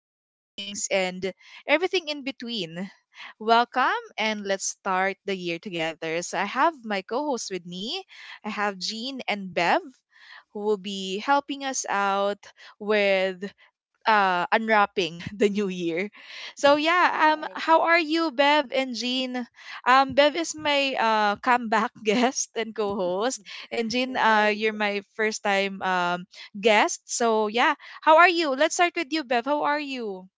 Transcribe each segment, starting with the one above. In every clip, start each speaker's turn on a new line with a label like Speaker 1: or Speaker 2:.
Speaker 1: beginnings, and everything in between. Welcome, and let's start the year together. So, I have my co hosts with me. I have Jean and Bev who will be helping us out with unwrapping the new year. So yeah,
Speaker 2: Right,
Speaker 1: how are you, Bev and Jean? Bev is my comeback guest and co-host, and Jean,
Speaker 2: right.
Speaker 1: you're my first time guest. So yeah, how are you? Let's start with you, Bev. How are you?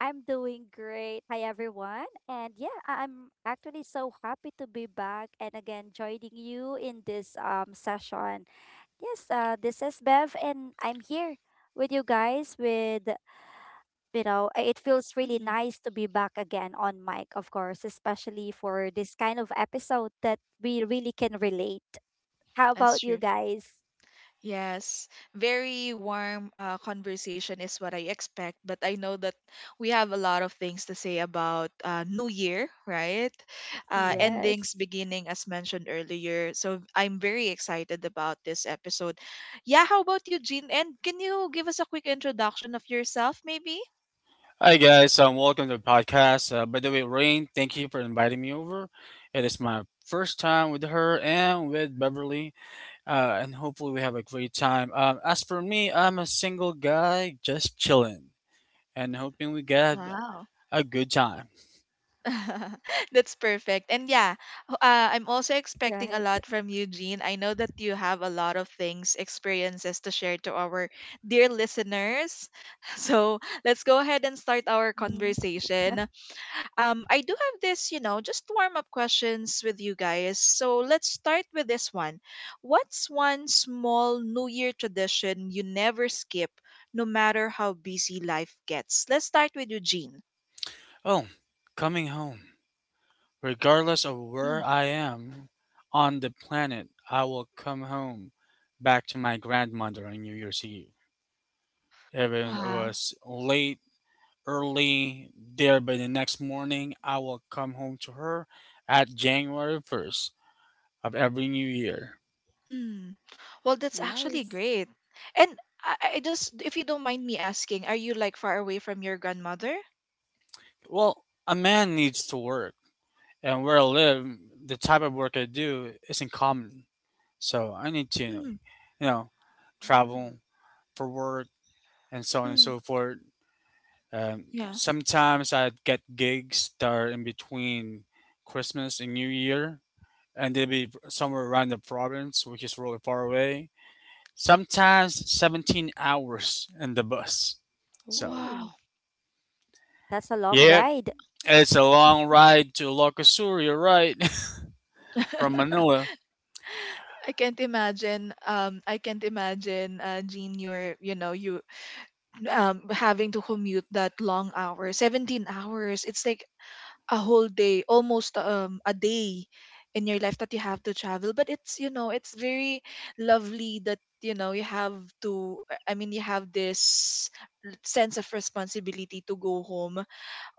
Speaker 2: I'm doing great. Hi, everyone. And yeah, I'm actually so happy to be back and again joining you in this session. Yes, this is Bev, and I'm here with you guys. It feels really
Speaker 1: Mhm.
Speaker 2: nice to be back again on mic, of course, especially for this kind of episode that we really can relate. How about
Speaker 1: That's
Speaker 2: you guys?
Speaker 1: Yes, very warm conversation is what I expect, but I know that we have a lot of things to say about New Year, right?
Speaker 3: Mhm.
Speaker 2: Yes,
Speaker 1: Endings, beginning, as mentioned earlier. So I'm very excited about this episode. Yeah, how about you, Jean? And can you give us a quick introduction of yourself, maybe?
Speaker 3: Hi guys, welcome to the podcast. By the way, Rain, thank you for inviting me over. It is my first time with her and with Beverly, and hopefully we have a great time. As for me, I'm a single guy just chilling and hoping we get
Speaker 1: Wow.
Speaker 3: a good time.
Speaker 1: That's perfect. And yeah, I'm also
Speaker 2: right.
Speaker 1: expecting a lot from you, Jean. I know that you have a lot of things, experiences to share to our dear listeners. So let's go ahead and start
Speaker 2: Hmm.
Speaker 1: our conversation. I do have this, you know, just warm up questions with you guys. So let's start with this one. What's one small New Year tradition you never skip, no matter how busy life gets? Let's start with you, Jean.
Speaker 3: Oh, coming home. Regardless of where
Speaker 1: Mm.
Speaker 3: I am on the planet, I will come home back to my grandmother on New Year's Eve. Even it
Speaker 1: Wow.
Speaker 3: was late early there by the next morning, I will come home to her at January 1st of every new year.
Speaker 1: Well, that's actually great.
Speaker 2: Nice.
Speaker 1: And I just, if you don't mind me asking, are you like far away from your grandmother?
Speaker 3: Well, a man needs to work, and where I live, the type of work I do isn't common. So I need to
Speaker 1: Mm,
Speaker 3: know,
Speaker 2: Mm.
Speaker 3: travel for work and so on and
Speaker 1: mm,
Speaker 3: so forth.
Speaker 1: yeah.
Speaker 3: Sometimes I get gigs that are in between Christmas and New Year, and they'll be somewhere around the province, which is really far away. Sometimes 17 hours in the bus. So,
Speaker 1: Wow,
Speaker 2: Ooh.
Speaker 3: yeah,
Speaker 2: That's a long
Speaker 3: it's
Speaker 2: ride.
Speaker 3: a long ride to Locosur, you're right. From Manila,
Speaker 1: I can't imagine. I can't imagine, Jean, you're, you know, you having to commute that long hour, 17 hours. It's like a whole day, almost a day in your life that you have to travel. But it's, you know, it's very lovely that, you know, you have to, I mean, you have this sense of responsibility to go home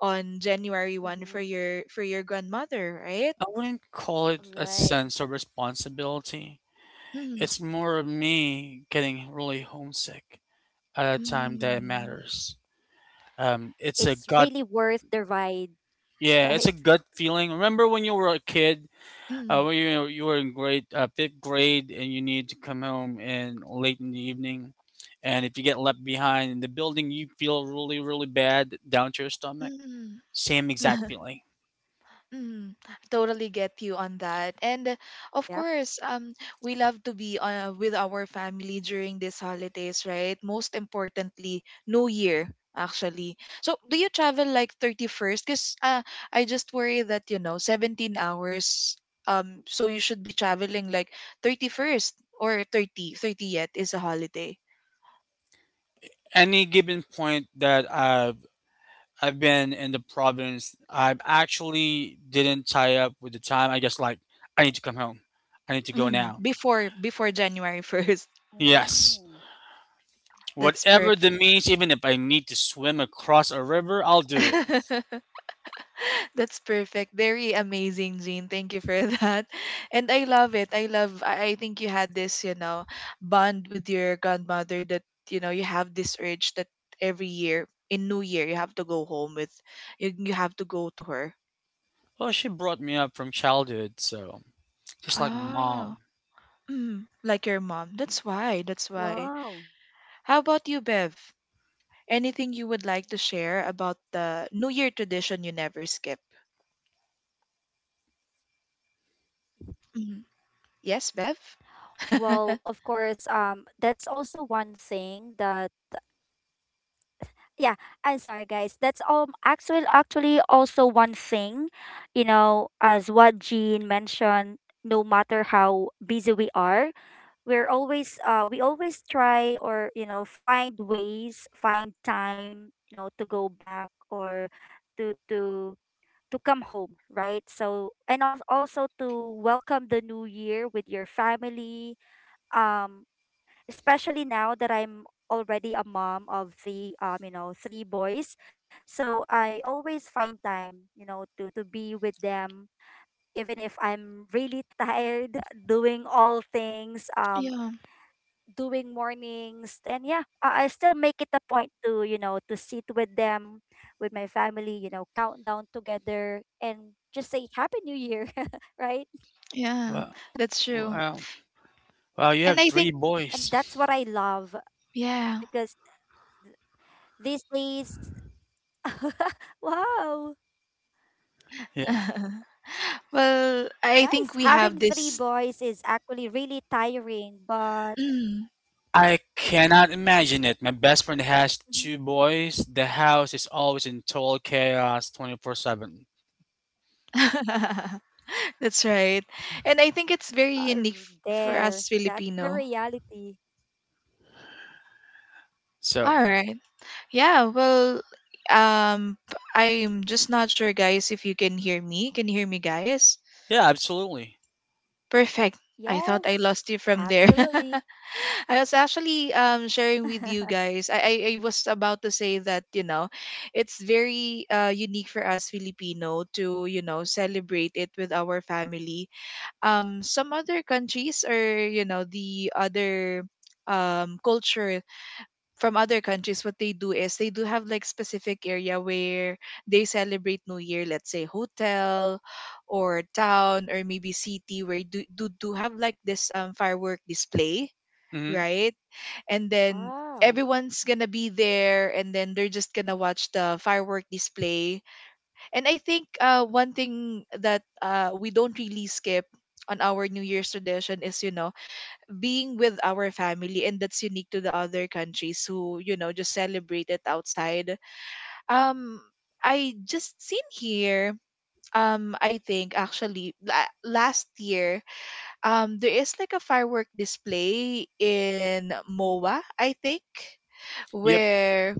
Speaker 1: on January 1st for your
Speaker 2: Hmm.
Speaker 1: grandmother, right?
Speaker 3: I wouldn't call it a sense of
Speaker 2: Right.
Speaker 3: responsibility.
Speaker 1: Mm,
Speaker 3: It's more of me getting really homesick at a time that
Speaker 1: mm,
Speaker 3: matters. Um, it's a gut,
Speaker 2: It's really worth the ride,
Speaker 3: yeah, it's a gut
Speaker 2: right?
Speaker 3: feeling. Remember when you were a kid.
Speaker 1: mm,
Speaker 3: Well, you were in grade fifth grade, and you need to come home and late in the evening, and if you get left behind in the building, you feel really, really bad down to your stomach.
Speaker 1: mm.
Speaker 3: Same exact feeling.
Speaker 1: Mm, totally get you on that. And of course,
Speaker 2: Yep.
Speaker 1: we love to be with our family during these holidays, right? Most importantly, New Year, actually. So, do you travel like 31st? Because I just worry that, you know, 17 hours, so you should be traveling like 31st or 30th is a holiday.
Speaker 3: Any given point that I've been in the province, I've actually didn't tie up with the time. I just like I need to come home. I need to go
Speaker 1: Mm,
Speaker 3: now.
Speaker 1: before January 1st.
Speaker 3: Yes.
Speaker 2: Oh,
Speaker 1: That's
Speaker 3: Whatever the
Speaker 1: perfect.
Speaker 3: means, even if I need to swim across a river, I'll do it.
Speaker 1: That's perfect. Very amazing, Jean. Thank you for that. And I love it. I love I think you had this, you know, bond with your grandmother that, you know, you have this urge that every year in New Year you have to go home with you have to go to her.
Speaker 3: Well, she brought me up from childhood, so just like my
Speaker 1: Oh.
Speaker 3: mom.
Speaker 1: Mm, like your mom. That's why. That's why.
Speaker 2: wow.
Speaker 1: How about you, Bev? Anything you would like to share about the New Year tradition you never skip? Mhm. Yes, Bev?
Speaker 2: Well, of course, that's also one thing that yeah, I'm sorry guys. That's actually also one thing, as what Jean mentioned. No matter how busy we are, we always try or find ways, find time, to go back, or to to to come home, right? So, and also to welcome the new year with your family, um especially now that I'm already a mom of three, three boys. So I always find time, to be with them, even if I'm really tired doing all things,
Speaker 1: yeah,
Speaker 2: doing mornings. And yeah, I still make it a point to, to sit with them, with my family, count down together, and just say happy new year, right?
Speaker 1: yeah.
Speaker 3: Well,
Speaker 1: That's true.
Speaker 3: well, well, you
Speaker 1: And
Speaker 3: have
Speaker 1: I think,
Speaker 3: three
Speaker 2: And that's
Speaker 3: boys.
Speaker 2: what I love,
Speaker 1: yeah.
Speaker 2: because these days, wow,
Speaker 3: Yeah.
Speaker 1: well, I think
Speaker 2: nice,
Speaker 1: we have
Speaker 2: having three
Speaker 1: this.
Speaker 2: boys is actually really tiring, but
Speaker 1: Mm.
Speaker 3: I cannot imagine it. My best friend has
Speaker 2: Mhm.
Speaker 3: two boys. The house is always in total chaos 24/7.
Speaker 1: That's right. And I think it's very
Speaker 2: uh,
Speaker 1: unique for
Speaker 2: there,
Speaker 1: us
Speaker 2: that's the
Speaker 1: Filipino.
Speaker 2: reality.
Speaker 1: All
Speaker 3: So,
Speaker 1: right. Yeah, well, I'm just not sure guys if you can hear me. Can you hear me guys?
Speaker 3: yeah, absolutely.
Speaker 1: Perfect. I thought I
Speaker 2: Yes,
Speaker 1: lost you from there.
Speaker 2: absolutely.
Speaker 1: I was actually sharing with you guys. I was about to say that, you know, it's very unique for us Filipino to, you know, celebrate it with our family. Some other countries or, you know, the other culture from other countries what they do is they do have like specific area where they celebrate new year, let's say hotel or town or maybe city where do have like this firework display,
Speaker 3: Mhm.
Speaker 1: right? And then
Speaker 2: Wow.
Speaker 1: everyone's gonna be there and then they're just gonna watch the firework display, and I think one thing that we don't really skip on our new year's tradition is, you know, being with our family, and that's unique to the other countries who, you know, just celebrate it outside. Um, I just seen here, um, I think actually last year, um, there is like a firework display in moa, I think,
Speaker 3: Yep.
Speaker 1: where,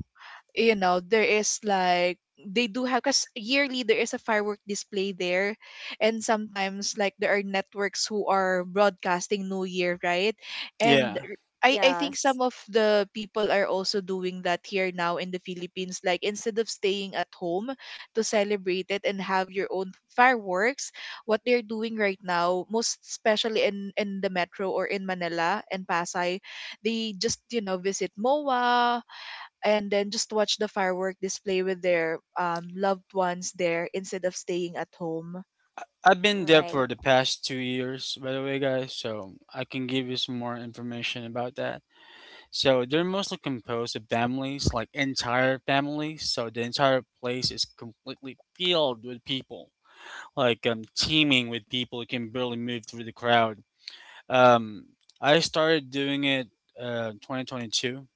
Speaker 1: you know, there is like they do have because yearly there is a firework display there, and sometimes like there are networks who are broadcasting new year, right? And
Speaker 3: Yeah.
Speaker 1: I think some of the
Speaker 2: Yes,
Speaker 1: people are also doing that here now in the Philippines. Like instead of staying at home to celebrate it and have your own fireworks, what they're doing right now, most especially in, the metro or in Manila and Pasay, they just, you know, visit MOA, and then just watch the firework display with their loved ones there instead of staying at home.
Speaker 3: I've been there for the past
Speaker 2: right.
Speaker 3: 2 years, by the way, guys, so I can give you some more information about that. So, they're mostly composed of families, like entire families, so the entire place is completely filled with people, like teeming with people who can barely move through the crowd. Um, I started doing it 2022,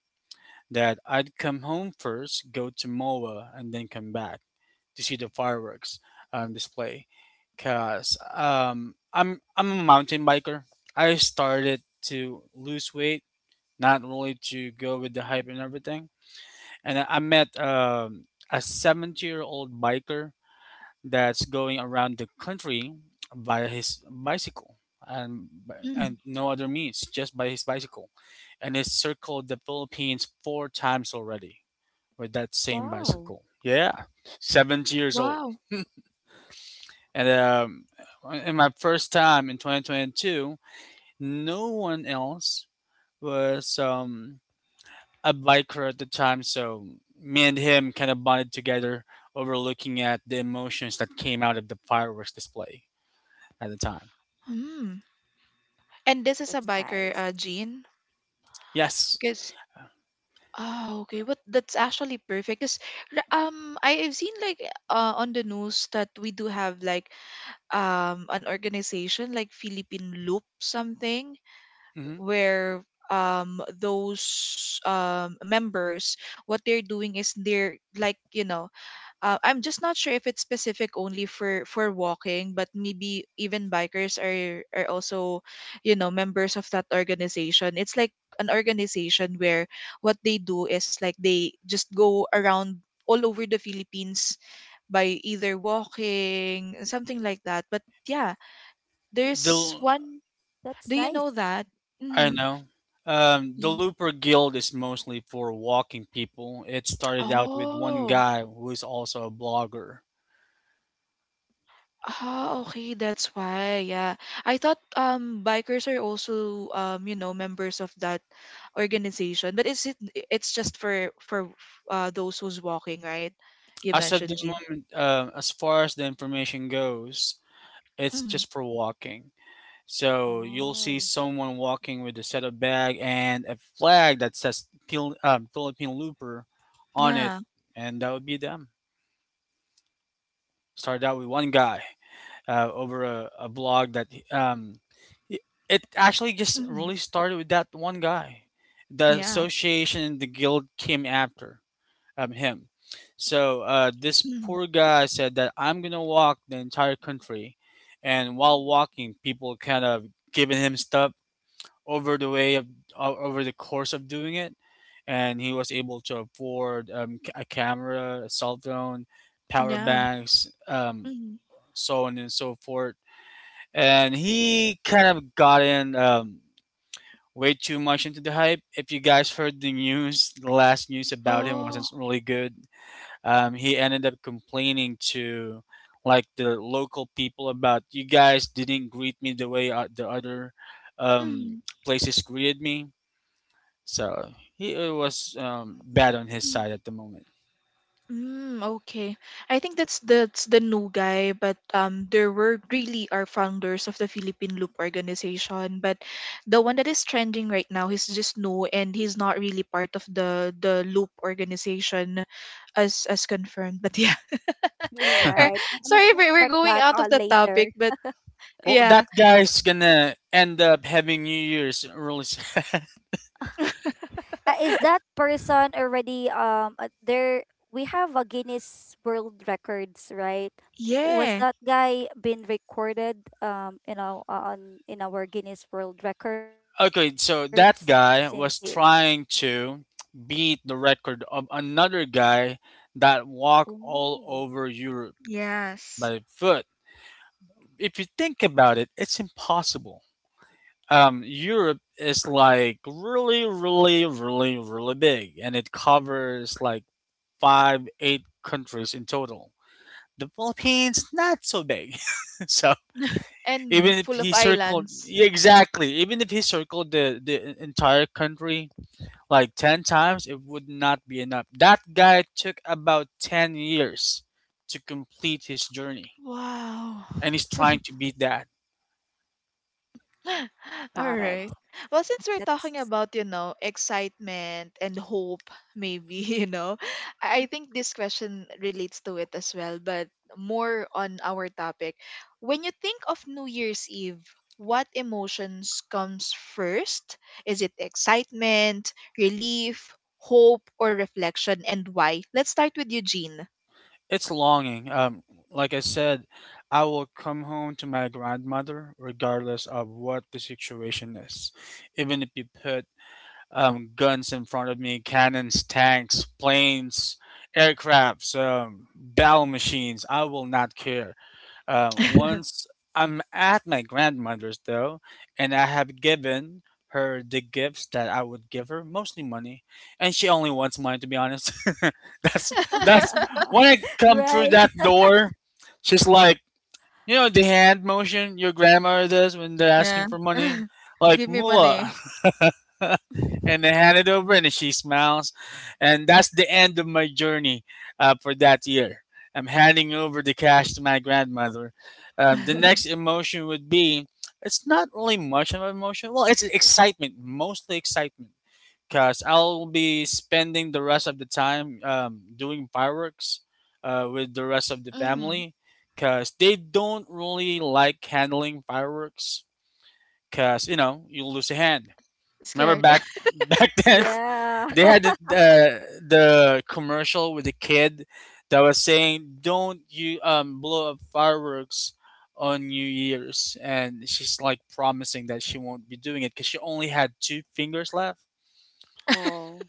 Speaker 3: that I'd come home first, go to MOA, and then come back to see the fireworks display. Cause I'm a mountain biker. I started to lose weight, not really to go with the hype and
Speaker 2: Mm.
Speaker 3: everything. And I met a 70-year-old biker that's going around the country via his bicycle, and
Speaker 1: Mm.
Speaker 3: no other means, just by his bicycle, and it's circled the Philippines four times already with that same bicycle.
Speaker 2: Wow,
Speaker 3: Yeah, 70 years old.
Speaker 1: Wow.
Speaker 3: And in my first time in 2022, no one else was a biker at the time, so me and him kind of bonded together over looking at the emotions that came out of the fireworks display at the time.
Speaker 1: Mm. And this is a biker
Speaker 2: that's nice.
Speaker 1: Jean.
Speaker 3: Yes.
Speaker 1: Because oh, okay, what that's actually perfect. Cause I've seen like on the news that we do have like an organization like Philippine Loop something
Speaker 3: Hmm.
Speaker 1: where those members what they're doing is they're like, you know, I'm just not sure if it's specific only for walking, but maybe even bikers are also, you know, members of that organization. It's like an organization where what they do is like they just go around all over the Philippines by either walking, something like that. But yeah, there's
Speaker 3: The
Speaker 1: one. Do you
Speaker 2: That's
Speaker 1: know that?
Speaker 2: nice.
Speaker 3: I
Speaker 1: Mm-hmm.
Speaker 3: know. The Looper Guild is mostly for walking people. It started out with one
Speaker 1: Oh.
Speaker 3: guy who is also a blogger.
Speaker 1: Oh, okay, that's why. Yeah. I thought bikers are also um, you know, members of that organization, but is it's just for those who's walking, right? You
Speaker 3: As of the
Speaker 1: mentioned Jean.
Speaker 3: moment, as far as the information goes, it's
Speaker 1: Mm,
Speaker 3: just for walking. So you'll see
Speaker 2: Oh,
Speaker 3: someone walking with a set of bag and a flag that says Philippine Looper on it,
Speaker 1: yeah.
Speaker 3: and that would be them. Started out with one guy. Over a blog that, it it actually just
Speaker 1: Mm,
Speaker 3: really started with that one guy. The
Speaker 1: yeah.
Speaker 3: association and the guild came after him. So this
Speaker 1: Mm,
Speaker 3: poor guy said that I'm gonna walk the entire country, and while
Speaker 2: mm,
Speaker 3: walking, people kind of giving him stuff over the way of over the course of doing it, and he was able to afford a camera, a cell phone, power
Speaker 1: yeah.
Speaker 3: banks,
Speaker 1: Mm.
Speaker 3: so on and so forth, and he kind of got in way too much into the hype. If you guys heard the news, the last news about him wasn't
Speaker 1: Oh.
Speaker 3: really good. He ended up complaining to, like, the local people about, you guys didn't greet me the way the other um,
Speaker 1: Mm,
Speaker 3: places greeted me. So he it was bad on his
Speaker 1: mm,
Speaker 3: side at the moment.
Speaker 1: Mm, okay. I think that's the new guy, but there were really are founders of the Philippine Loop organization, but the one that is trending right now he's just new and he's not really part of the Loop organization as confirmed. But yeah.
Speaker 2: you're
Speaker 1: Er,
Speaker 2: right. I'm
Speaker 1: Sorry
Speaker 2: gonna
Speaker 1: we're
Speaker 2: check
Speaker 1: going
Speaker 2: that
Speaker 1: out of
Speaker 2: out
Speaker 1: the
Speaker 2: later.
Speaker 1: topic, but
Speaker 3: Well, that
Speaker 1: yeah.
Speaker 3: guy's gonna end up having New Year's really.
Speaker 2: Is that person already, there? We have a Guinness World Records, right? Was
Speaker 1: Yeah.
Speaker 2: that guy been recorded, in our on in our Guinness World Records,
Speaker 3: Okay,
Speaker 2: since
Speaker 3: so
Speaker 2: he?
Speaker 3: that guy was trying to beat the record of another guy that walked
Speaker 2: Oh,
Speaker 3: all over Europe
Speaker 1: Yes.
Speaker 3: by foot. If you think about it, it's impossible. Europe is like really, really, really, really big, and it covers like five, eight countries in total. The Philippines, not so big. So
Speaker 2: right.
Speaker 3: even
Speaker 1: And
Speaker 3: if
Speaker 1: full of
Speaker 3: he circled,
Speaker 1: islands.
Speaker 3: exactly, even if he circled the entire country like 10 times, it would not be enough. That guy took about 10 years to complete his journey,
Speaker 1: Wow.
Speaker 3: and he's trying to beat that.
Speaker 2: Got
Speaker 1: All
Speaker 2: it.
Speaker 1: right. Well, since we're talking
Speaker 2: That's
Speaker 1: about, you know, excitement and hope, maybe, you know, I think this question relates to it as well, but more on our topic. When you think of New Year's Eve, what emotions comes first? Is it excitement, relief, hope, or reflection, and why? Let's start with Eugene.
Speaker 3: It's longing. Like I said, I will come home to my grandmother regardless of what the situation is. Even if you put guns in front of me, cannons, tanks, planes, aircrafts, battle machines, I will not care. Once I'm at my grandmother's though, and I have given her the gifts that I would give her, mostly money, and she only wants money, to be honest. that's that's when I come through
Speaker 2: right.
Speaker 3: that door, she's like, the hand motion your grandma does when they're asking
Speaker 1: yeah.
Speaker 3: for money, like
Speaker 1: Give me money.
Speaker 3: mullah. And I hand it over, and she smiles, and that's the end of my journey for that year. I'm handing over the cash to my grandmother. The next emotion would be, it's not really much of an emotion. Well, it's excitement, mostly excitement, because I'll be spending the rest of the time doing fireworks with the rest of the
Speaker 1: Mm,
Speaker 3: family, because they don't really like handling fireworks, because you know you lose a hand. Remember
Speaker 1: scared.
Speaker 3: back then,
Speaker 2: Yeah.
Speaker 3: they had the commercial with the kid that was saying, "Don't you blow up fireworks on New Year's," and she's like promising that she won't be doing it because she only had two fingers left.
Speaker 2: Oh,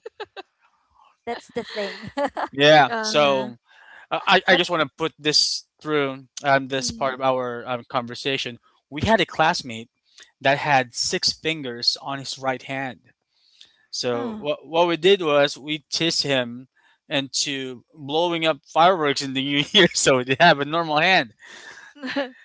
Speaker 2: that's the thing.
Speaker 3: Yeah,
Speaker 1: Uh
Speaker 3: so I
Speaker 1: But
Speaker 3: just want to put this through this part
Speaker 1: mm,
Speaker 3: of our conversation. We had a classmate that had six fingers on his right hand. So
Speaker 1: oh.
Speaker 3: what we did was we teased him into blowing up fireworks in the new year, so he have a normal hand.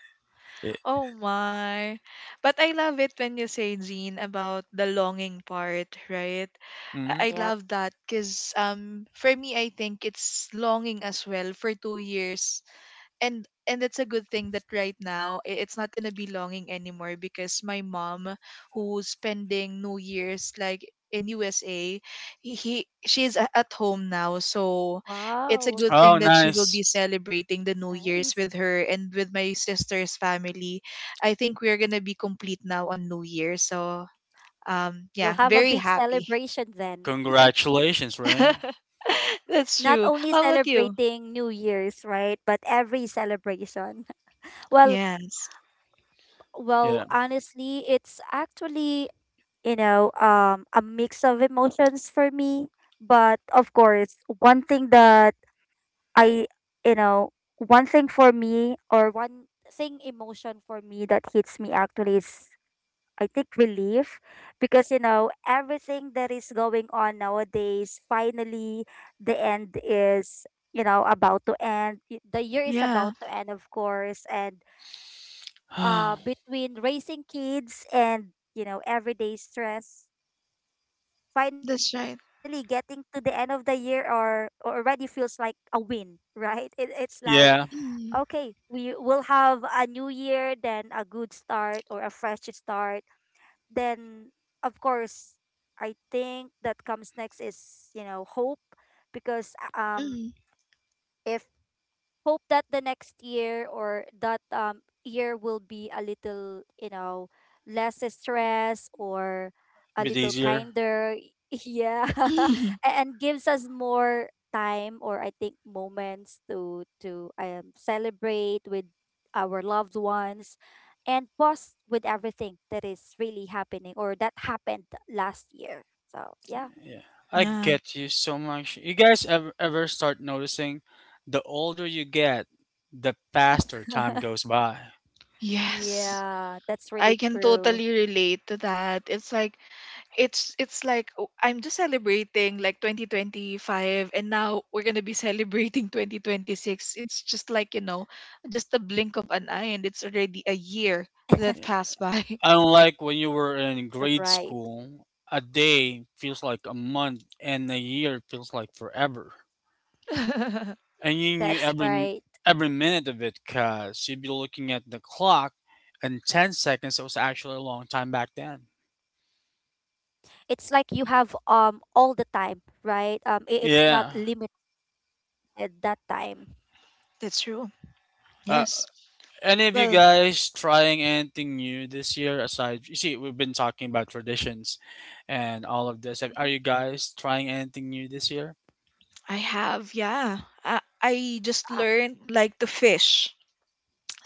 Speaker 3: Yeah.
Speaker 1: oh my. But I love it when you say Jean about the longing part, right?
Speaker 3: Mhm.
Speaker 1: I
Speaker 2: Yep.
Speaker 1: love that cuz for me I think it's longing as well for 2 years, and it's a good thing that right now it's not gonna be longing anymore because my mom who's spending new year's like in usa, he she's at home now, so it's a
Speaker 2: Wow.
Speaker 1: good
Speaker 3: Oh,
Speaker 1: thing that she will
Speaker 3: nice!
Speaker 1: be celebrating the new year's
Speaker 2: Nice.
Speaker 1: with her and with my sister's family. I think we're gonna be complete now on new year, so
Speaker 2: You'll
Speaker 1: yeah,
Speaker 2: have a
Speaker 1: very
Speaker 2: big
Speaker 1: happy.
Speaker 2: celebration then.
Speaker 3: Congratulations, Ray.
Speaker 1: That's
Speaker 2: Not
Speaker 1: true,
Speaker 2: only
Speaker 1: how about you?
Speaker 2: celebrating New Year's, right? But every celebration. Well,
Speaker 1: Yes,
Speaker 2: well,
Speaker 3: Yeah.
Speaker 2: honestly, it's actually, a mix of emotions for me, but of course, one thing that I, you know, one thing for me, or one thing emotion for me that hits me, actually, is I think relief, because, everything that is going on nowadays, finally the end is, about to end. The year is
Speaker 1: yeah,
Speaker 2: about to end, of course. And between raising kids and, everyday stress, finally
Speaker 1: that's
Speaker 2: getting
Speaker 1: right.
Speaker 2: to the end of the year, or already feels like a win, right? It's like,
Speaker 3: Yeah.
Speaker 2: okay,
Speaker 1: Mm,
Speaker 2: we will have a new year, then a good start or a fresh start. Then of course, I think that comes next is, hope, because,
Speaker 1: mm.
Speaker 2: if hope that the next year, or that year will be a little, less stress, or a
Speaker 3: Bit
Speaker 2: little
Speaker 3: easier.
Speaker 2: kinder, yeah. And gives us more time, or I think moments, to celebrate with our loved ones, and pause with everything that is really happening or that happened last year. So yeah.
Speaker 3: Yeah. I
Speaker 1: yeah.
Speaker 3: get you so much. You guys ever start noticing, the older you get, the faster time goes by.
Speaker 1: Yes.
Speaker 2: Yeah, that's
Speaker 1: I
Speaker 2: really
Speaker 1: can
Speaker 2: true,
Speaker 1: totally relate to that. It's like oh, I'm just celebrating like 2025 and now we're going to be celebrating 2026. It's just like, you know, just a blink of an eye and it's already a year that
Speaker 3: Yeah.
Speaker 1: passed by.
Speaker 3: Unlike when you were in
Speaker 2: right?
Speaker 3: grade school, a day feels like a month and a year feels like forever. And you knew
Speaker 2: That's right.
Speaker 3: every minute of it cuz you'd be looking at the clock, and 10 seconds was actually a long time back then.
Speaker 2: It's like you have, all the time, right? It's not
Speaker 3: Yeah.
Speaker 2: limited that time.
Speaker 1: That's true.
Speaker 3: Uh,
Speaker 1: Yes.
Speaker 3: any of you
Speaker 1: Well,
Speaker 3: guys trying anything new this year aside? You see, we've been talking about traditions and all of this.
Speaker 2: Mhm.
Speaker 3: Are you guys trying anything new this year?
Speaker 1: I have, yeah. I just
Speaker 2: Ah,
Speaker 1: learned like to fish,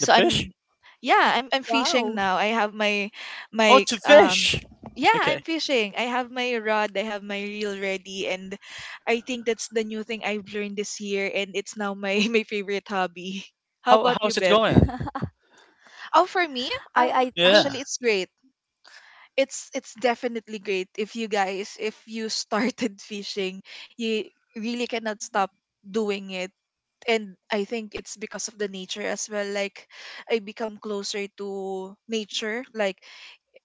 Speaker 3: The fish?
Speaker 1: I'm yeah I'm fishing
Speaker 2: wow,
Speaker 1: now. I have my
Speaker 3: Oh,
Speaker 1: my
Speaker 3: to
Speaker 1: um
Speaker 3: fish.
Speaker 1: yeah
Speaker 3: Okay.
Speaker 1: I'm fishing. I have my rod. I have my reel
Speaker 2: right.
Speaker 1: ready, and I think that's the new thing I've learned this year, and it's now my my favorite hobby. How
Speaker 3: How
Speaker 1: about you,
Speaker 3: how's it
Speaker 1: beb?
Speaker 3: going?
Speaker 2: I
Speaker 1: Oh,
Speaker 2: I
Speaker 1: for me
Speaker 2: think
Speaker 1: actually
Speaker 3: Yeah.
Speaker 1: it's great. It's definitely great if you guys if you started fishing, you really cannot stop doing it, and I think it's because of the nature as well. Like I become closer to nature. Like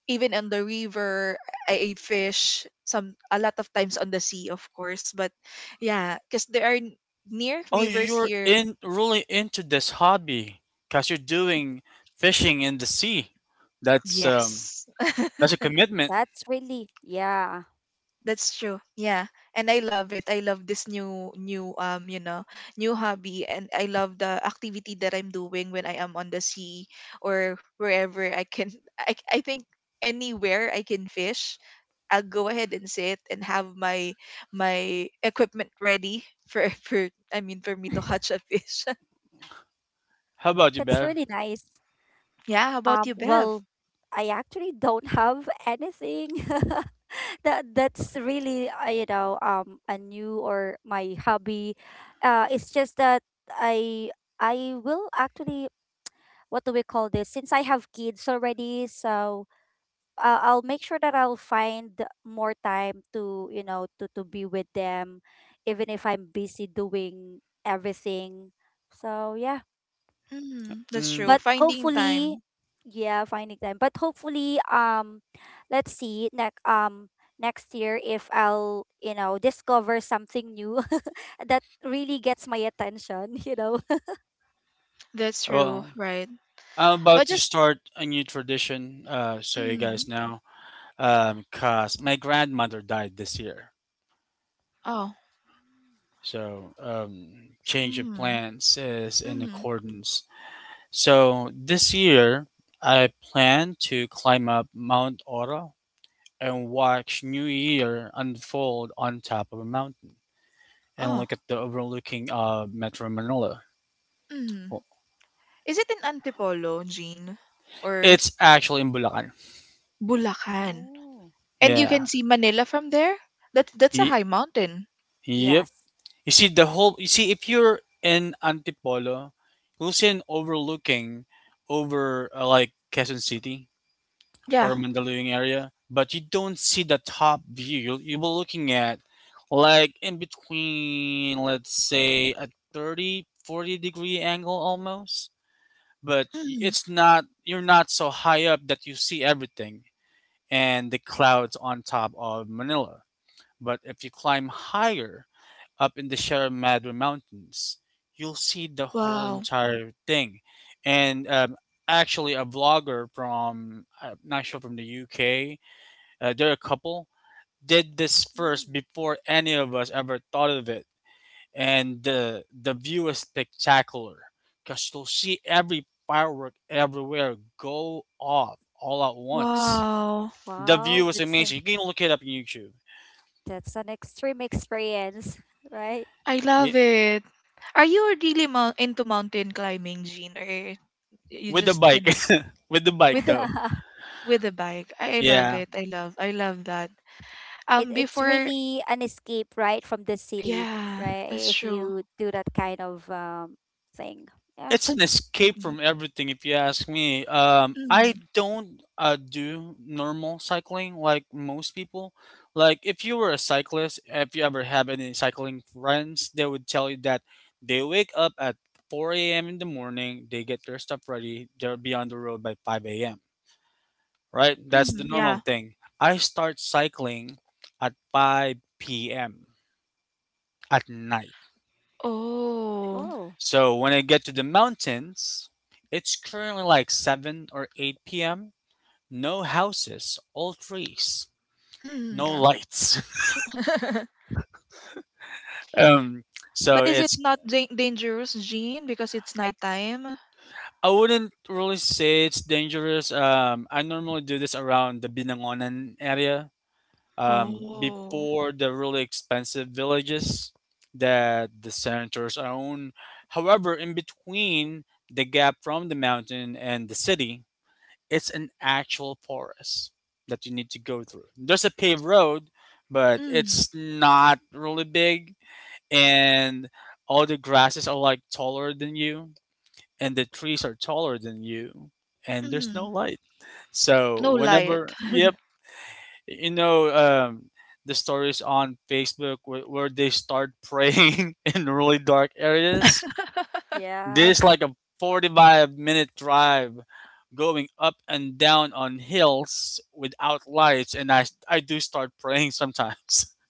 Speaker 1: even on the river, I ate fish some a lot of times on the sea, of course. But yeah, because there are near
Speaker 3: Oh,
Speaker 1: rivers
Speaker 3: you're
Speaker 1: here.
Speaker 3: in really into this hobby because you're doing fishing in the sea. That's um
Speaker 1: Yes,
Speaker 3: that's a commitment.
Speaker 2: that's really yeah,
Speaker 1: that's true. Yeah, and I love it. I love this new um, you know, new hobby, and I love the activity that I'm doing when I am on the sea or wherever I can. I think anywhere I can fish I'll go ahead and sit and have my equipment ready for for I mean for me to catch a fish.
Speaker 3: How
Speaker 2: that's
Speaker 3: about you,
Speaker 2: really
Speaker 3: Bev?
Speaker 2: nice.
Speaker 1: Yeah, how about
Speaker 2: Um,
Speaker 1: you, Bev?
Speaker 2: well, I actually don't have anything. That's really, a new, or my hobby. It's just that I I will actually, what do we call this? Since I have kids already, so, I'll make sure that I'll find more time to, to be with them, even if I'm busy doing everything. So yeah,
Speaker 1: Mm, that's true.
Speaker 3: Mm,
Speaker 2: but
Speaker 1: Finding
Speaker 2: hopefully,
Speaker 1: time.
Speaker 2: yeah, finding time. But hopefully, let's see next, next year, if I'll, discover something new that really gets my attention.
Speaker 1: That's true,
Speaker 3: well,
Speaker 1: right?
Speaker 3: I'm about
Speaker 1: But
Speaker 3: to
Speaker 1: just
Speaker 3: start a new tradition. So you
Speaker 1: mm,
Speaker 3: guys know, cause my grandmother died this year.
Speaker 1: oh,
Speaker 3: So change of
Speaker 1: mm,
Speaker 3: plans is in
Speaker 1: mm,
Speaker 3: accordance. So this year, I plan to climb up Mount Oro and watch New Year unfold on top of a mountain and
Speaker 1: oh,
Speaker 3: look at the overlooking Metro Manila.
Speaker 1: mm.
Speaker 3: Well,
Speaker 1: Is it in Antipolo, Jean, or
Speaker 3: it's actually in Bulacan.
Speaker 1: Bulacan?
Speaker 2: Oh.
Speaker 1: And you
Speaker 3: Yeah.
Speaker 1: can see Manila from there. That's a
Speaker 3: Y-
Speaker 1: high mountain.
Speaker 3: yep.
Speaker 2: Yes.
Speaker 3: You see the whole. You see, if you're in Antipolo, you'll see an overlooking over like, Quezon City
Speaker 1: Yeah.
Speaker 3: or Mandaluyong area, but you don't see the top view. You'll be looking at, like, in between, let's say, a 30-40 degree angle almost, but
Speaker 1: Mm.
Speaker 3: it's not, you're not so high up that you see everything and the clouds on top of Manila. But if you climb higher up in the Sierra Madre Mountains, you'll see the whole
Speaker 1: Wow.
Speaker 3: entire thing. And actually, a vlogger from, I'm not sure, from the UK, they're a couple, did this
Speaker 2: Mm.
Speaker 3: first before any of us ever thought of it, and the view is spectacular because you'll see every firework everywhere go off all at once.
Speaker 1: Wow.
Speaker 3: The
Speaker 2: Wow,
Speaker 3: view is
Speaker 2: that's a,
Speaker 3: amazing. You can look it up on YouTube.
Speaker 2: that's an extreme experience, right?
Speaker 1: I
Speaker 3: Yeah,
Speaker 1: love it. Are you really into mountain climbing, Jean, or you
Speaker 3: with the
Speaker 1: just you
Speaker 3: bike,
Speaker 1: know
Speaker 3: with the
Speaker 1: with
Speaker 3: bike
Speaker 1: the
Speaker 3: though.
Speaker 1: with the bike? I love
Speaker 3: Yeah.
Speaker 1: it. I love. I love that.
Speaker 2: it it's
Speaker 1: Before,
Speaker 2: really an escape, right, from the city,
Speaker 1: yeah,
Speaker 2: right,
Speaker 1: that's
Speaker 2: if
Speaker 1: true.
Speaker 2: you do that kind of, thing, yeah.
Speaker 3: It's an escape
Speaker 1: Mm-hmm.
Speaker 3: from everything, if you ask me.
Speaker 1: Mm,
Speaker 3: I don't do normal cycling like most people. Like, if you were a cyclist, if you ever have any cycling friends, they would tell you that they wake up at 4 a.m. in the morning, they get their stuff ready, they'll be on the road by 5 a.m., right? That's the
Speaker 1: mm,
Speaker 2: Mm.
Speaker 3: normal
Speaker 1: yeah.
Speaker 3: thing. I start cycling at 5 p.m. at night.
Speaker 1: Oh.
Speaker 2: Whoa.
Speaker 3: So when I get to the mountains, it's currently like 7 or 8 p.m. No houses, all trees, no
Speaker 1: Mm. Yeah.
Speaker 3: lights. um, so
Speaker 1: But is it
Speaker 3: it's
Speaker 1: not dangerous, Jean, because it's nighttime?
Speaker 3: I wouldn't really say it's dangerous. I normally do this around the Binangonan area,
Speaker 1: Oh.
Speaker 3: before the really expensive villages that the senators own. However, in between the gap from the mountain and the city, it's an actual forest that you need to go through. There's a paved road, but
Speaker 1: Mm,
Speaker 3: it's not really big, and all the grasses are like taller than you, and the trees are taller than you, and there's no
Speaker 1: mm.
Speaker 3: light. So
Speaker 1: No light.
Speaker 3: whenever, yep, you know, um, the stories on Facebook where they start praying in really dark areas. This
Speaker 2: Yes,
Speaker 3: like a 45-minute drive going up and down on hills without lights, and I do start praying sometimes.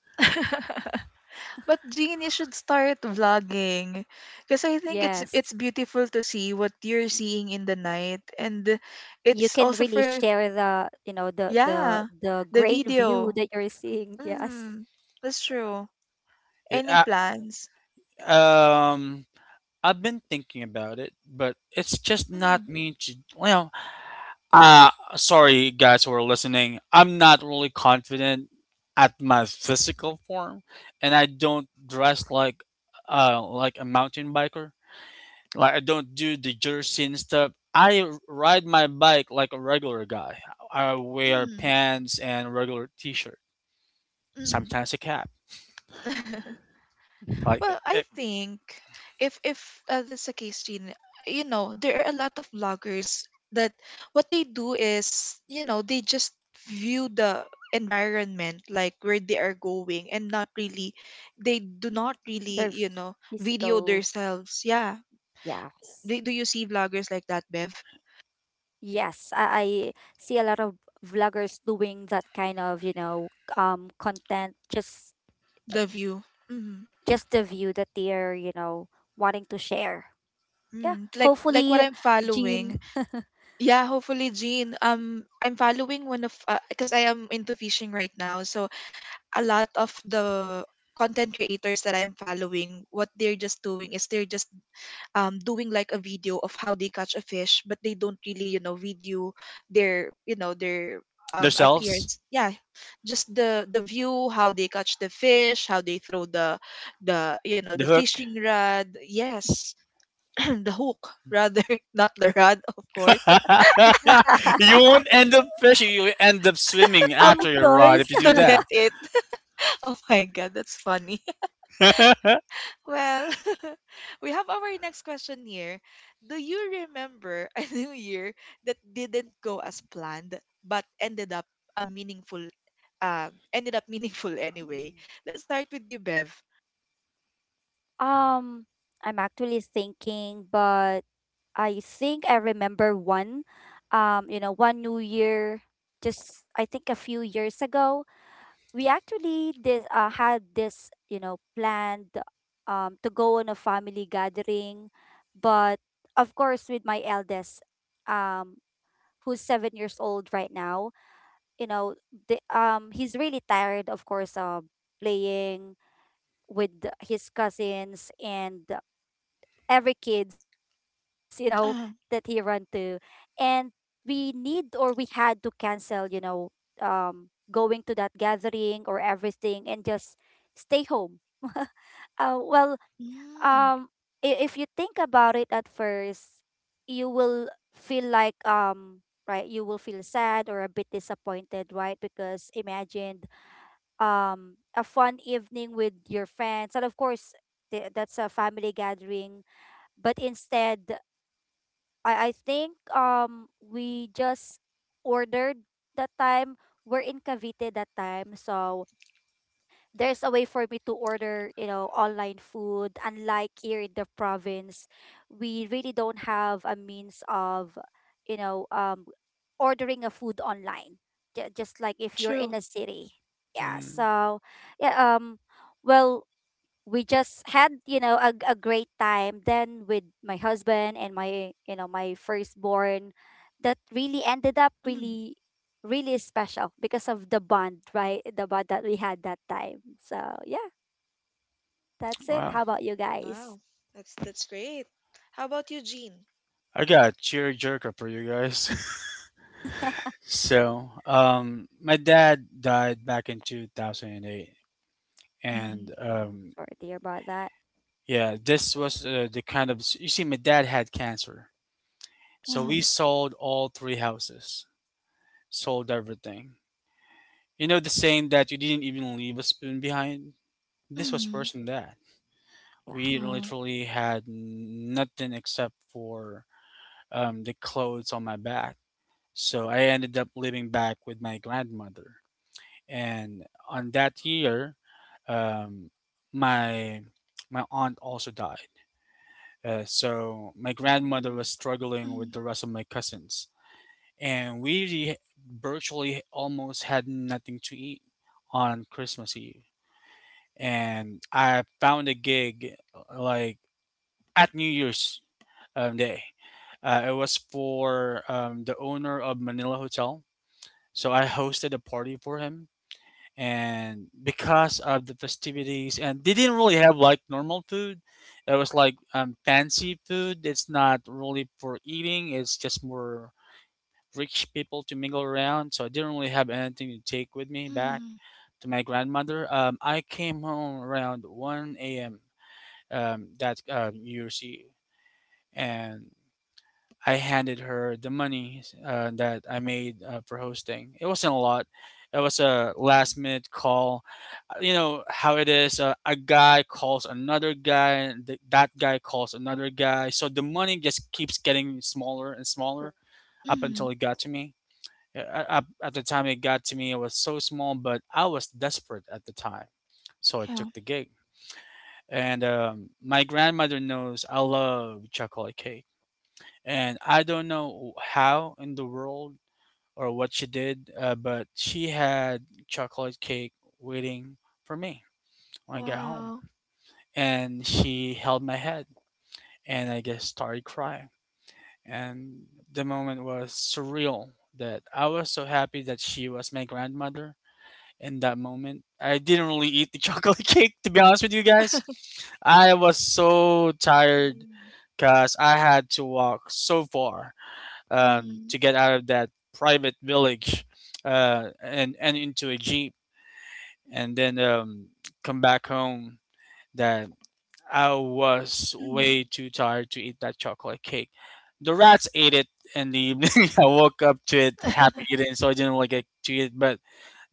Speaker 1: But Jean, you should start vlogging. Because I think it's
Speaker 2: yes,
Speaker 1: it's beautiful to see what you're seeing in the night. And
Speaker 2: you
Speaker 1: it's
Speaker 2: can
Speaker 1: also
Speaker 2: really
Speaker 1: for
Speaker 2: share the, you know the the
Speaker 1: yeah,
Speaker 2: the
Speaker 1: the
Speaker 2: great view
Speaker 1: video.
Speaker 2: that you're seeing, yes.
Speaker 1: Mm, that's true. Any
Speaker 3: Yeah,
Speaker 1: plans?
Speaker 3: I I've been thinking about it, but it's just
Speaker 1: Mm,
Speaker 3: not me to well uh sorry guys who are listening. I'm not really confident at my physical form, and I don't dress like a mountain biker. Like, I don't do the jersey and stuff. Ride my bike like a regular guy. I wear
Speaker 1: mm,
Speaker 3: pants and regular t-shirt.
Speaker 1: mm.
Speaker 3: Sometimes a cap. Like it,
Speaker 1: Well, I think if this a case, Jean, you know, there are a lot of vloggers that what they do is, you know, they just view the environment like where they are going and not really they do not
Speaker 2: their
Speaker 1: really, you know,
Speaker 2: physical
Speaker 1: video themselves. Yeah.
Speaker 2: Yes,
Speaker 1: Do you see vloggers like that, Bev?
Speaker 2: yes, I see a lot of vloggers doing that kind of, content, just, uh,
Speaker 1: The view. Mm-hmm.
Speaker 2: just the view that they're, wanting to share. Yeah,
Speaker 1: Mm, like what
Speaker 2: hopefully,
Speaker 1: I'm
Speaker 2: Jean.
Speaker 1: following. Yeah, hopefully, Jean. I'm following one of because I am into fishing right now, so a lot of the content creators that I'm following, what they're just doing is they're just doing like a video of how they catch a fish, but they don't really, you know, video their, you know, their
Speaker 3: the shells,
Speaker 1: appearance. Yeah, just the view, how they catch the fish, how they throw the the
Speaker 3: the hook.
Speaker 1: fishing rod. Yes, the hook rather, not the rod, of course,
Speaker 3: You won't end up fishing. You end up swimming
Speaker 2: Of
Speaker 3: after your ride if
Speaker 2: course.
Speaker 3: you do
Speaker 1: to get
Speaker 3: that.
Speaker 1: it. Oh my god, that's funny. Well, we have our next question here. Do you remember a new year that didn't go as planned but ended up a meaningful ended up meaningful anyway? Let's start with you, Bev.
Speaker 2: Um, I'm actually thinking, but I think I remember one. One New Year, just I think a few years ago, we actually did had this, planned, to go on a family gathering, but of course, with my eldest, um, who's 7 years old right now. you know he's really tired, of course, of playing with his cousins, and every kids, that he run
Speaker 1: Uh,
Speaker 2: to, and we need or we had to cancel, going to that gathering or everything, and just stay home. Well,
Speaker 1: mm,
Speaker 2: um if you think about it, at first you will you will feel sad or a bit disappointed, right, because imagine, a fun evening with your friends, and of course, that's a family gathering. But instead, I think, we just ordered that time. We're in Cavite that time, so there's a way for me to order, online food. Unlike here in the province, we really don't have a means of, you know, um, ordering a food online. Just like if you're
Speaker 1: true.
Speaker 2: in a city. Yeah.
Speaker 3: Mm,
Speaker 2: So, yeah. Well, we just had, a great time then with my husband, and my you know my firstborn, that really ended up
Speaker 1: Mm,
Speaker 2: really special because of the bond, right, the bond that we had that time. So yeah, that's it.
Speaker 3: wow.
Speaker 2: How about you guys?
Speaker 1: wow, that's great. How about you, Jean?
Speaker 3: I got a cheer jerker for you guys. So, my dad died back in 2008,
Speaker 1: Mm,
Speaker 3: and
Speaker 2: Oh, sorry to hear about that.
Speaker 3: yeah, this was the kind of you see, my dad had cancer, so we
Speaker 1: mm,
Speaker 3: sold all three houses, sold everything. You know the saying that you didn't even leave a spoon behind. This was
Speaker 1: mm,
Speaker 3: worse than that.
Speaker 2: Yeah.
Speaker 3: We
Speaker 1: oh,
Speaker 3: literally had nothing except for the clothes on my back. So I ended up living back with my grandmother, and on that year, um, my my aunt also died. So my grandmother
Speaker 2: Mm,
Speaker 3: was struggling with
Speaker 1: mm,
Speaker 3: the rest of my cousins, and virtually almost had nothing to eat on Christmas Eve. And I found a gig like at New Year's Day. It was for the owner of Manila Hotel. So I hosted a party for him, and because of the festivities, and they didn't really have like normal food, it was like fancy food. It's not really for eating, it's just more rich people to mingle around, so I didn't really have anything to take with me back
Speaker 1: mm,
Speaker 3: to my grandmother. I came home around 1 a.m, that new year's eve, and I handed her the money that I made for hosting. It wasn't a lot. It was a last minute call. You know how it is. A guy calls another guy, and that guy calls another guy. So the money just keeps getting smaller and smaller up until it
Speaker 1: mm,
Speaker 3: got to me. Up at the time it got to me, it was so small, but I was desperate at the time, so I took
Speaker 1: yeah.
Speaker 3: the gig. And My grandmother knows I love chocolate cake, and I don't know how in the world or what she did, but she had chocolate cake waiting for me when I got home.
Speaker 1: Wow.
Speaker 3: And she held my
Speaker 2: that's
Speaker 3: head,
Speaker 2: nice.
Speaker 3: and I just started crying. And the moment was surreal that I was so happy that she was my grandmother in that moment. I didn't really eat the chocolate cake, to be honest with you guys. I was
Speaker 2: Mm.
Speaker 3: so tired because I had to walk so far
Speaker 1: Mm,
Speaker 3: to get out of that private village, and into a jeep, and then come back home, that I was way
Speaker 1: mm,
Speaker 3: too tired to eat that chocolate cake. The rats ate it in the evening. I woke up to it happy eating, so I didn't really get to eat it. But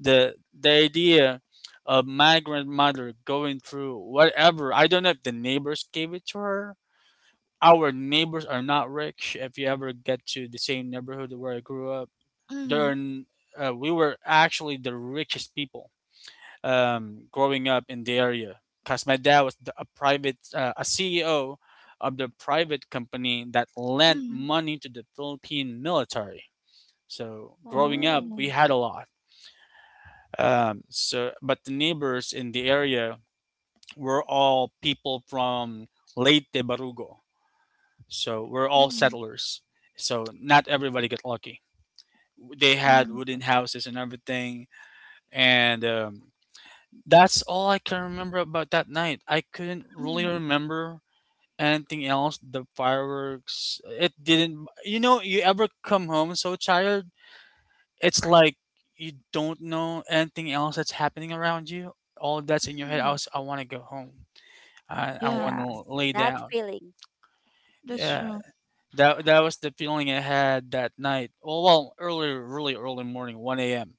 Speaker 3: the idea of my grandmother going through whatever, I don't know if the neighbors gave it to her. Our neighbors are not rich. If you ever get to the same neighborhood where I grew up there,
Speaker 1: mm,
Speaker 3: we were actually the richest people growing up in the area because my dad was a CEO of the private company that lent
Speaker 1: mm.
Speaker 3: money to the Philippine military. So growing up,
Speaker 2: Wow.
Speaker 3: we
Speaker 1: Oh.
Speaker 3: had a lot. But the neighbors in the area were all people from Leyte Barugo. So we're all
Speaker 1: Mm,
Speaker 3: settlers. So not everybody got lucky. They had
Speaker 1: mm,
Speaker 3: wooden houses and everything, and that's all I can remember about that night. I couldn't really
Speaker 1: mm,
Speaker 3: remember anything else. The fireworks, it didn't. You know, you ever come home so tired, it's like you don't know anything else that's happening around you. All that's in your head. I
Speaker 1: mm.
Speaker 3: was, I want to go home. I want
Speaker 1: Yeah,
Speaker 2: Yes.
Speaker 3: to lay
Speaker 2: That
Speaker 3: down.
Speaker 2: feeling.
Speaker 1: that's
Speaker 3: Yeah,
Speaker 1: true.
Speaker 3: that was the feeling I had that night. Oh well, early, really early morning, one a.m.,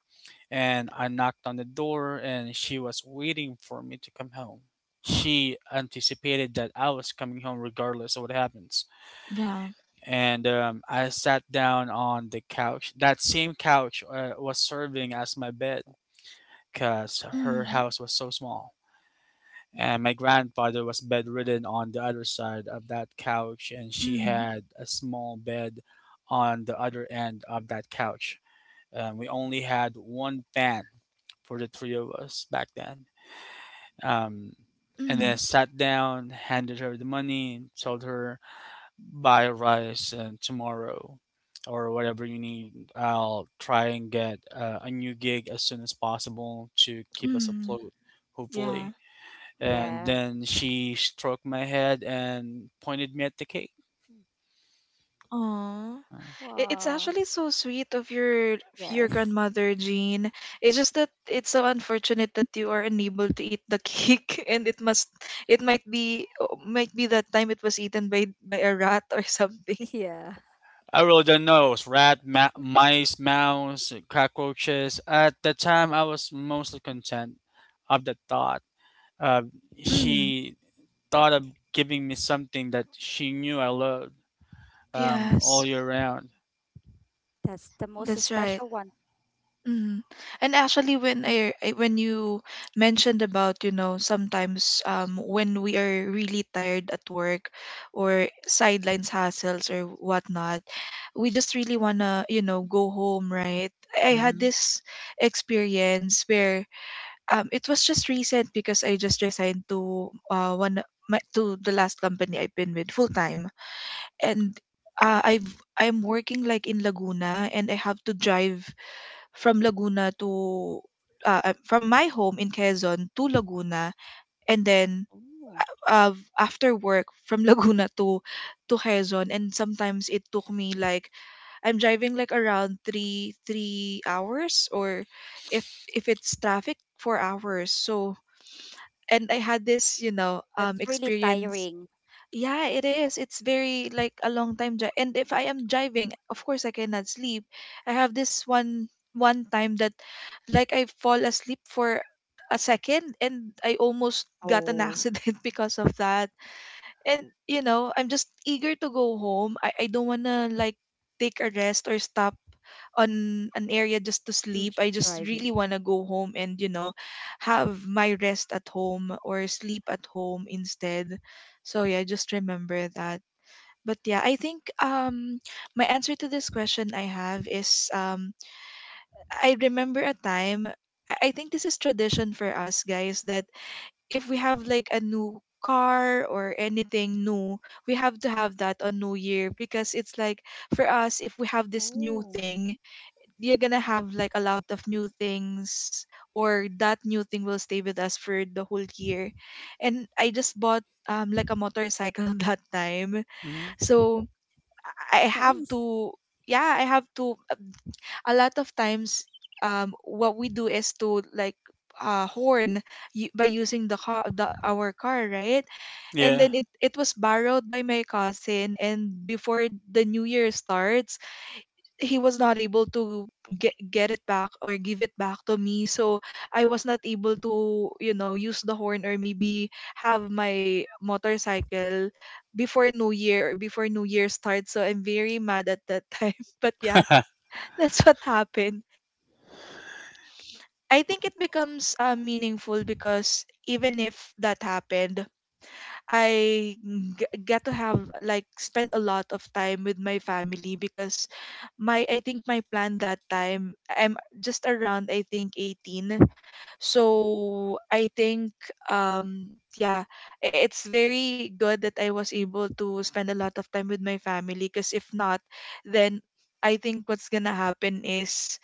Speaker 3: and I knocked on the door and she was waiting for me to come home. She anticipated that I was coming home regardless of what happens.
Speaker 1: Yeah.
Speaker 3: And I sat down on the couch. That same couch was serving as my bed because her
Speaker 1: Mm,
Speaker 3: house was so small. And my grandfather was bedridden on the other side of that couch, and she
Speaker 1: mm,
Speaker 3: had a small bed on the other end of that couch. We only had one fan for the three of us back then, um, and then
Speaker 1: mm,
Speaker 3: sat down, handed her the money, and told her buy rice and tomorrow or whatever you need. I'll try and get a new gig as soon as possible to keep us
Speaker 1: mm.
Speaker 3: afloat,
Speaker 1: Yeah.
Speaker 3: hopefully. And
Speaker 2: Yeah.
Speaker 3: then she stroked my head and pointed me at the cake.
Speaker 1: Oh,
Speaker 3: Uh,
Speaker 1: it's
Speaker 2: Wow.
Speaker 1: actually so sweet of your
Speaker 2: Yes.
Speaker 1: grandmother, Jean. It's just that it's so unfortunate that you are unable to eat the cake, and it must it might be that time it was eaten by a rat or something.
Speaker 2: Yeah.
Speaker 3: I really don't know. It was rat, mice, mouse, cockroaches. At the time, I was mostly content of the thought. Uh,
Speaker 1: Mm,
Speaker 3: she thought of giving me something that she knew I loved all
Speaker 1: yes,
Speaker 3: year round.
Speaker 2: That's the most
Speaker 1: that's right.
Speaker 2: special one.
Speaker 1: Mhm. And actually, when you mentioned about, you know, sometimes when we are really tired at work or sidelines hassles or whatnot, we just really wanna, you know, go home, right? I had
Speaker 3: Hmm.
Speaker 1: this experience where it was just recent because I just resigned to one to the last company I've been with full time, and uh, I've I'm working like in Laguna and I have to drive from Laguna to from my home in Quezon to Laguna, and then
Speaker 2: Oh.
Speaker 1: uh, after work from Laguna to Quezon, and sometimes it took me like I'm driving like around three three hours, or if it's traffic, 4 hours. So and I had this
Speaker 2: That's really
Speaker 1: experience
Speaker 2: tiring.
Speaker 1: yeah, it is. It's very like a long time drive. And if I am driving, of course I cannot sleep. I have this one time that like I fall asleep for a second and I almost got an
Speaker 2: Oh.
Speaker 1: accident because of that and you know I'm just eager to go home I don't want to like take a rest or stop on an area just to
Speaker 2: Mm,
Speaker 1: sleep I just
Speaker 2: driving.
Speaker 1: really want to go home and you know have my rest at home or sleep at home instead, so yeah, just remember that. But yeah, I think my answer to this question I have is I remember a time I think this is tradition for us guys that if we have like a new car or anything new, we have to have that on New Year because it's like for us, if we have this new
Speaker 2: Oh.
Speaker 1: thing, you're gonna have like a lot of new things, or that new thing will stay with us for the whole year. And I just bought like a motorcycle that time,
Speaker 3: Hmm.
Speaker 1: so I have
Speaker 2: Nice.
Speaker 1: to. Yeah, I have to a lot of times what we do is to like horn by using the car our car, right, and
Speaker 3: Yeah.
Speaker 1: then it was borrowed by my cousin and before the new year starts he was not able to get it back or give it back to me, so I was not able to, you know, use the horn or maybe have my motorcycle before new year or before new year starts, so I'm very mad at that time. But yeah, that's what happened. I think it becomes meaningful because even if that happened, I get to have like spend a lot of time with my family because my I think my plan that time I'm just around I think 18. So I think yeah, it's very good that I was able to spend a lot of time with my family because if not, then I think what's gonna happen is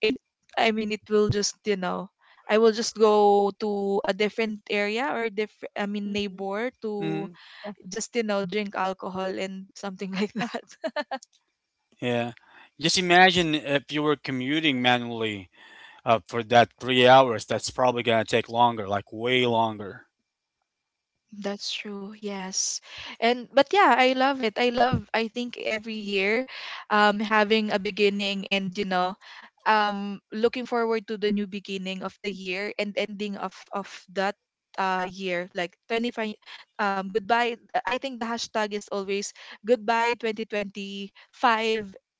Speaker 1: it I mean it will just you know I will just go to a different area or different I mean
Speaker 2: Mm-hmm.
Speaker 1: neighbor to
Speaker 3: Hmm.
Speaker 2: Yeah.
Speaker 1: just you know drink alcohol and something like that.
Speaker 3: Yeah. Just imagine if you were commuting manually for that 3 hours. That's probably gonna take longer, like way longer.
Speaker 1: That's true, yes. And but yeah I love it I love I think every year having a beginning and you know looking forward to the new beginning of the year and ending of that year like 25 goodbye I think the hashtag is always goodbye 2025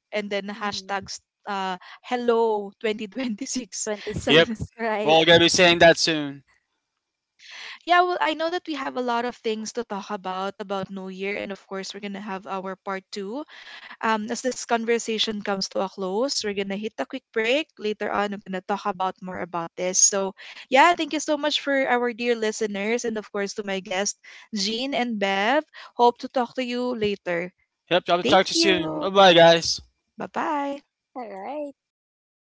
Speaker 1: and then
Speaker 2: Mm-hmm.
Speaker 1: hashtags uh hello 2026 so
Speaker 3: Yep.
Speaker 2: 26,
Speaker 3: We're
Speaker 2: right?
Speaker 3: all gonna be saying that soon.
Speaker 1: yeah well I know that we have a lot of things to talk about new year and of course we're gonna have our part two as this conversation comes to a close, we're gonna hit a quick break. Later on, we're gonna talk about more about this. So, yeah, thank you so much for our dear listeners, and of course to my guests, Jean and Bev. Hope to talk to you later.
Speaker 3: Yep. I'll
Speaker 1: Thank
Speaker 3: talk to you
Speaker 1: you.
Speaker 3: soon. Bye bye, guys.
Speaker 2: All
Speaker 1: Bye
Speaker 2: right.
Speaker 1: bye.
Speaker 2: Thank you so much. Bye.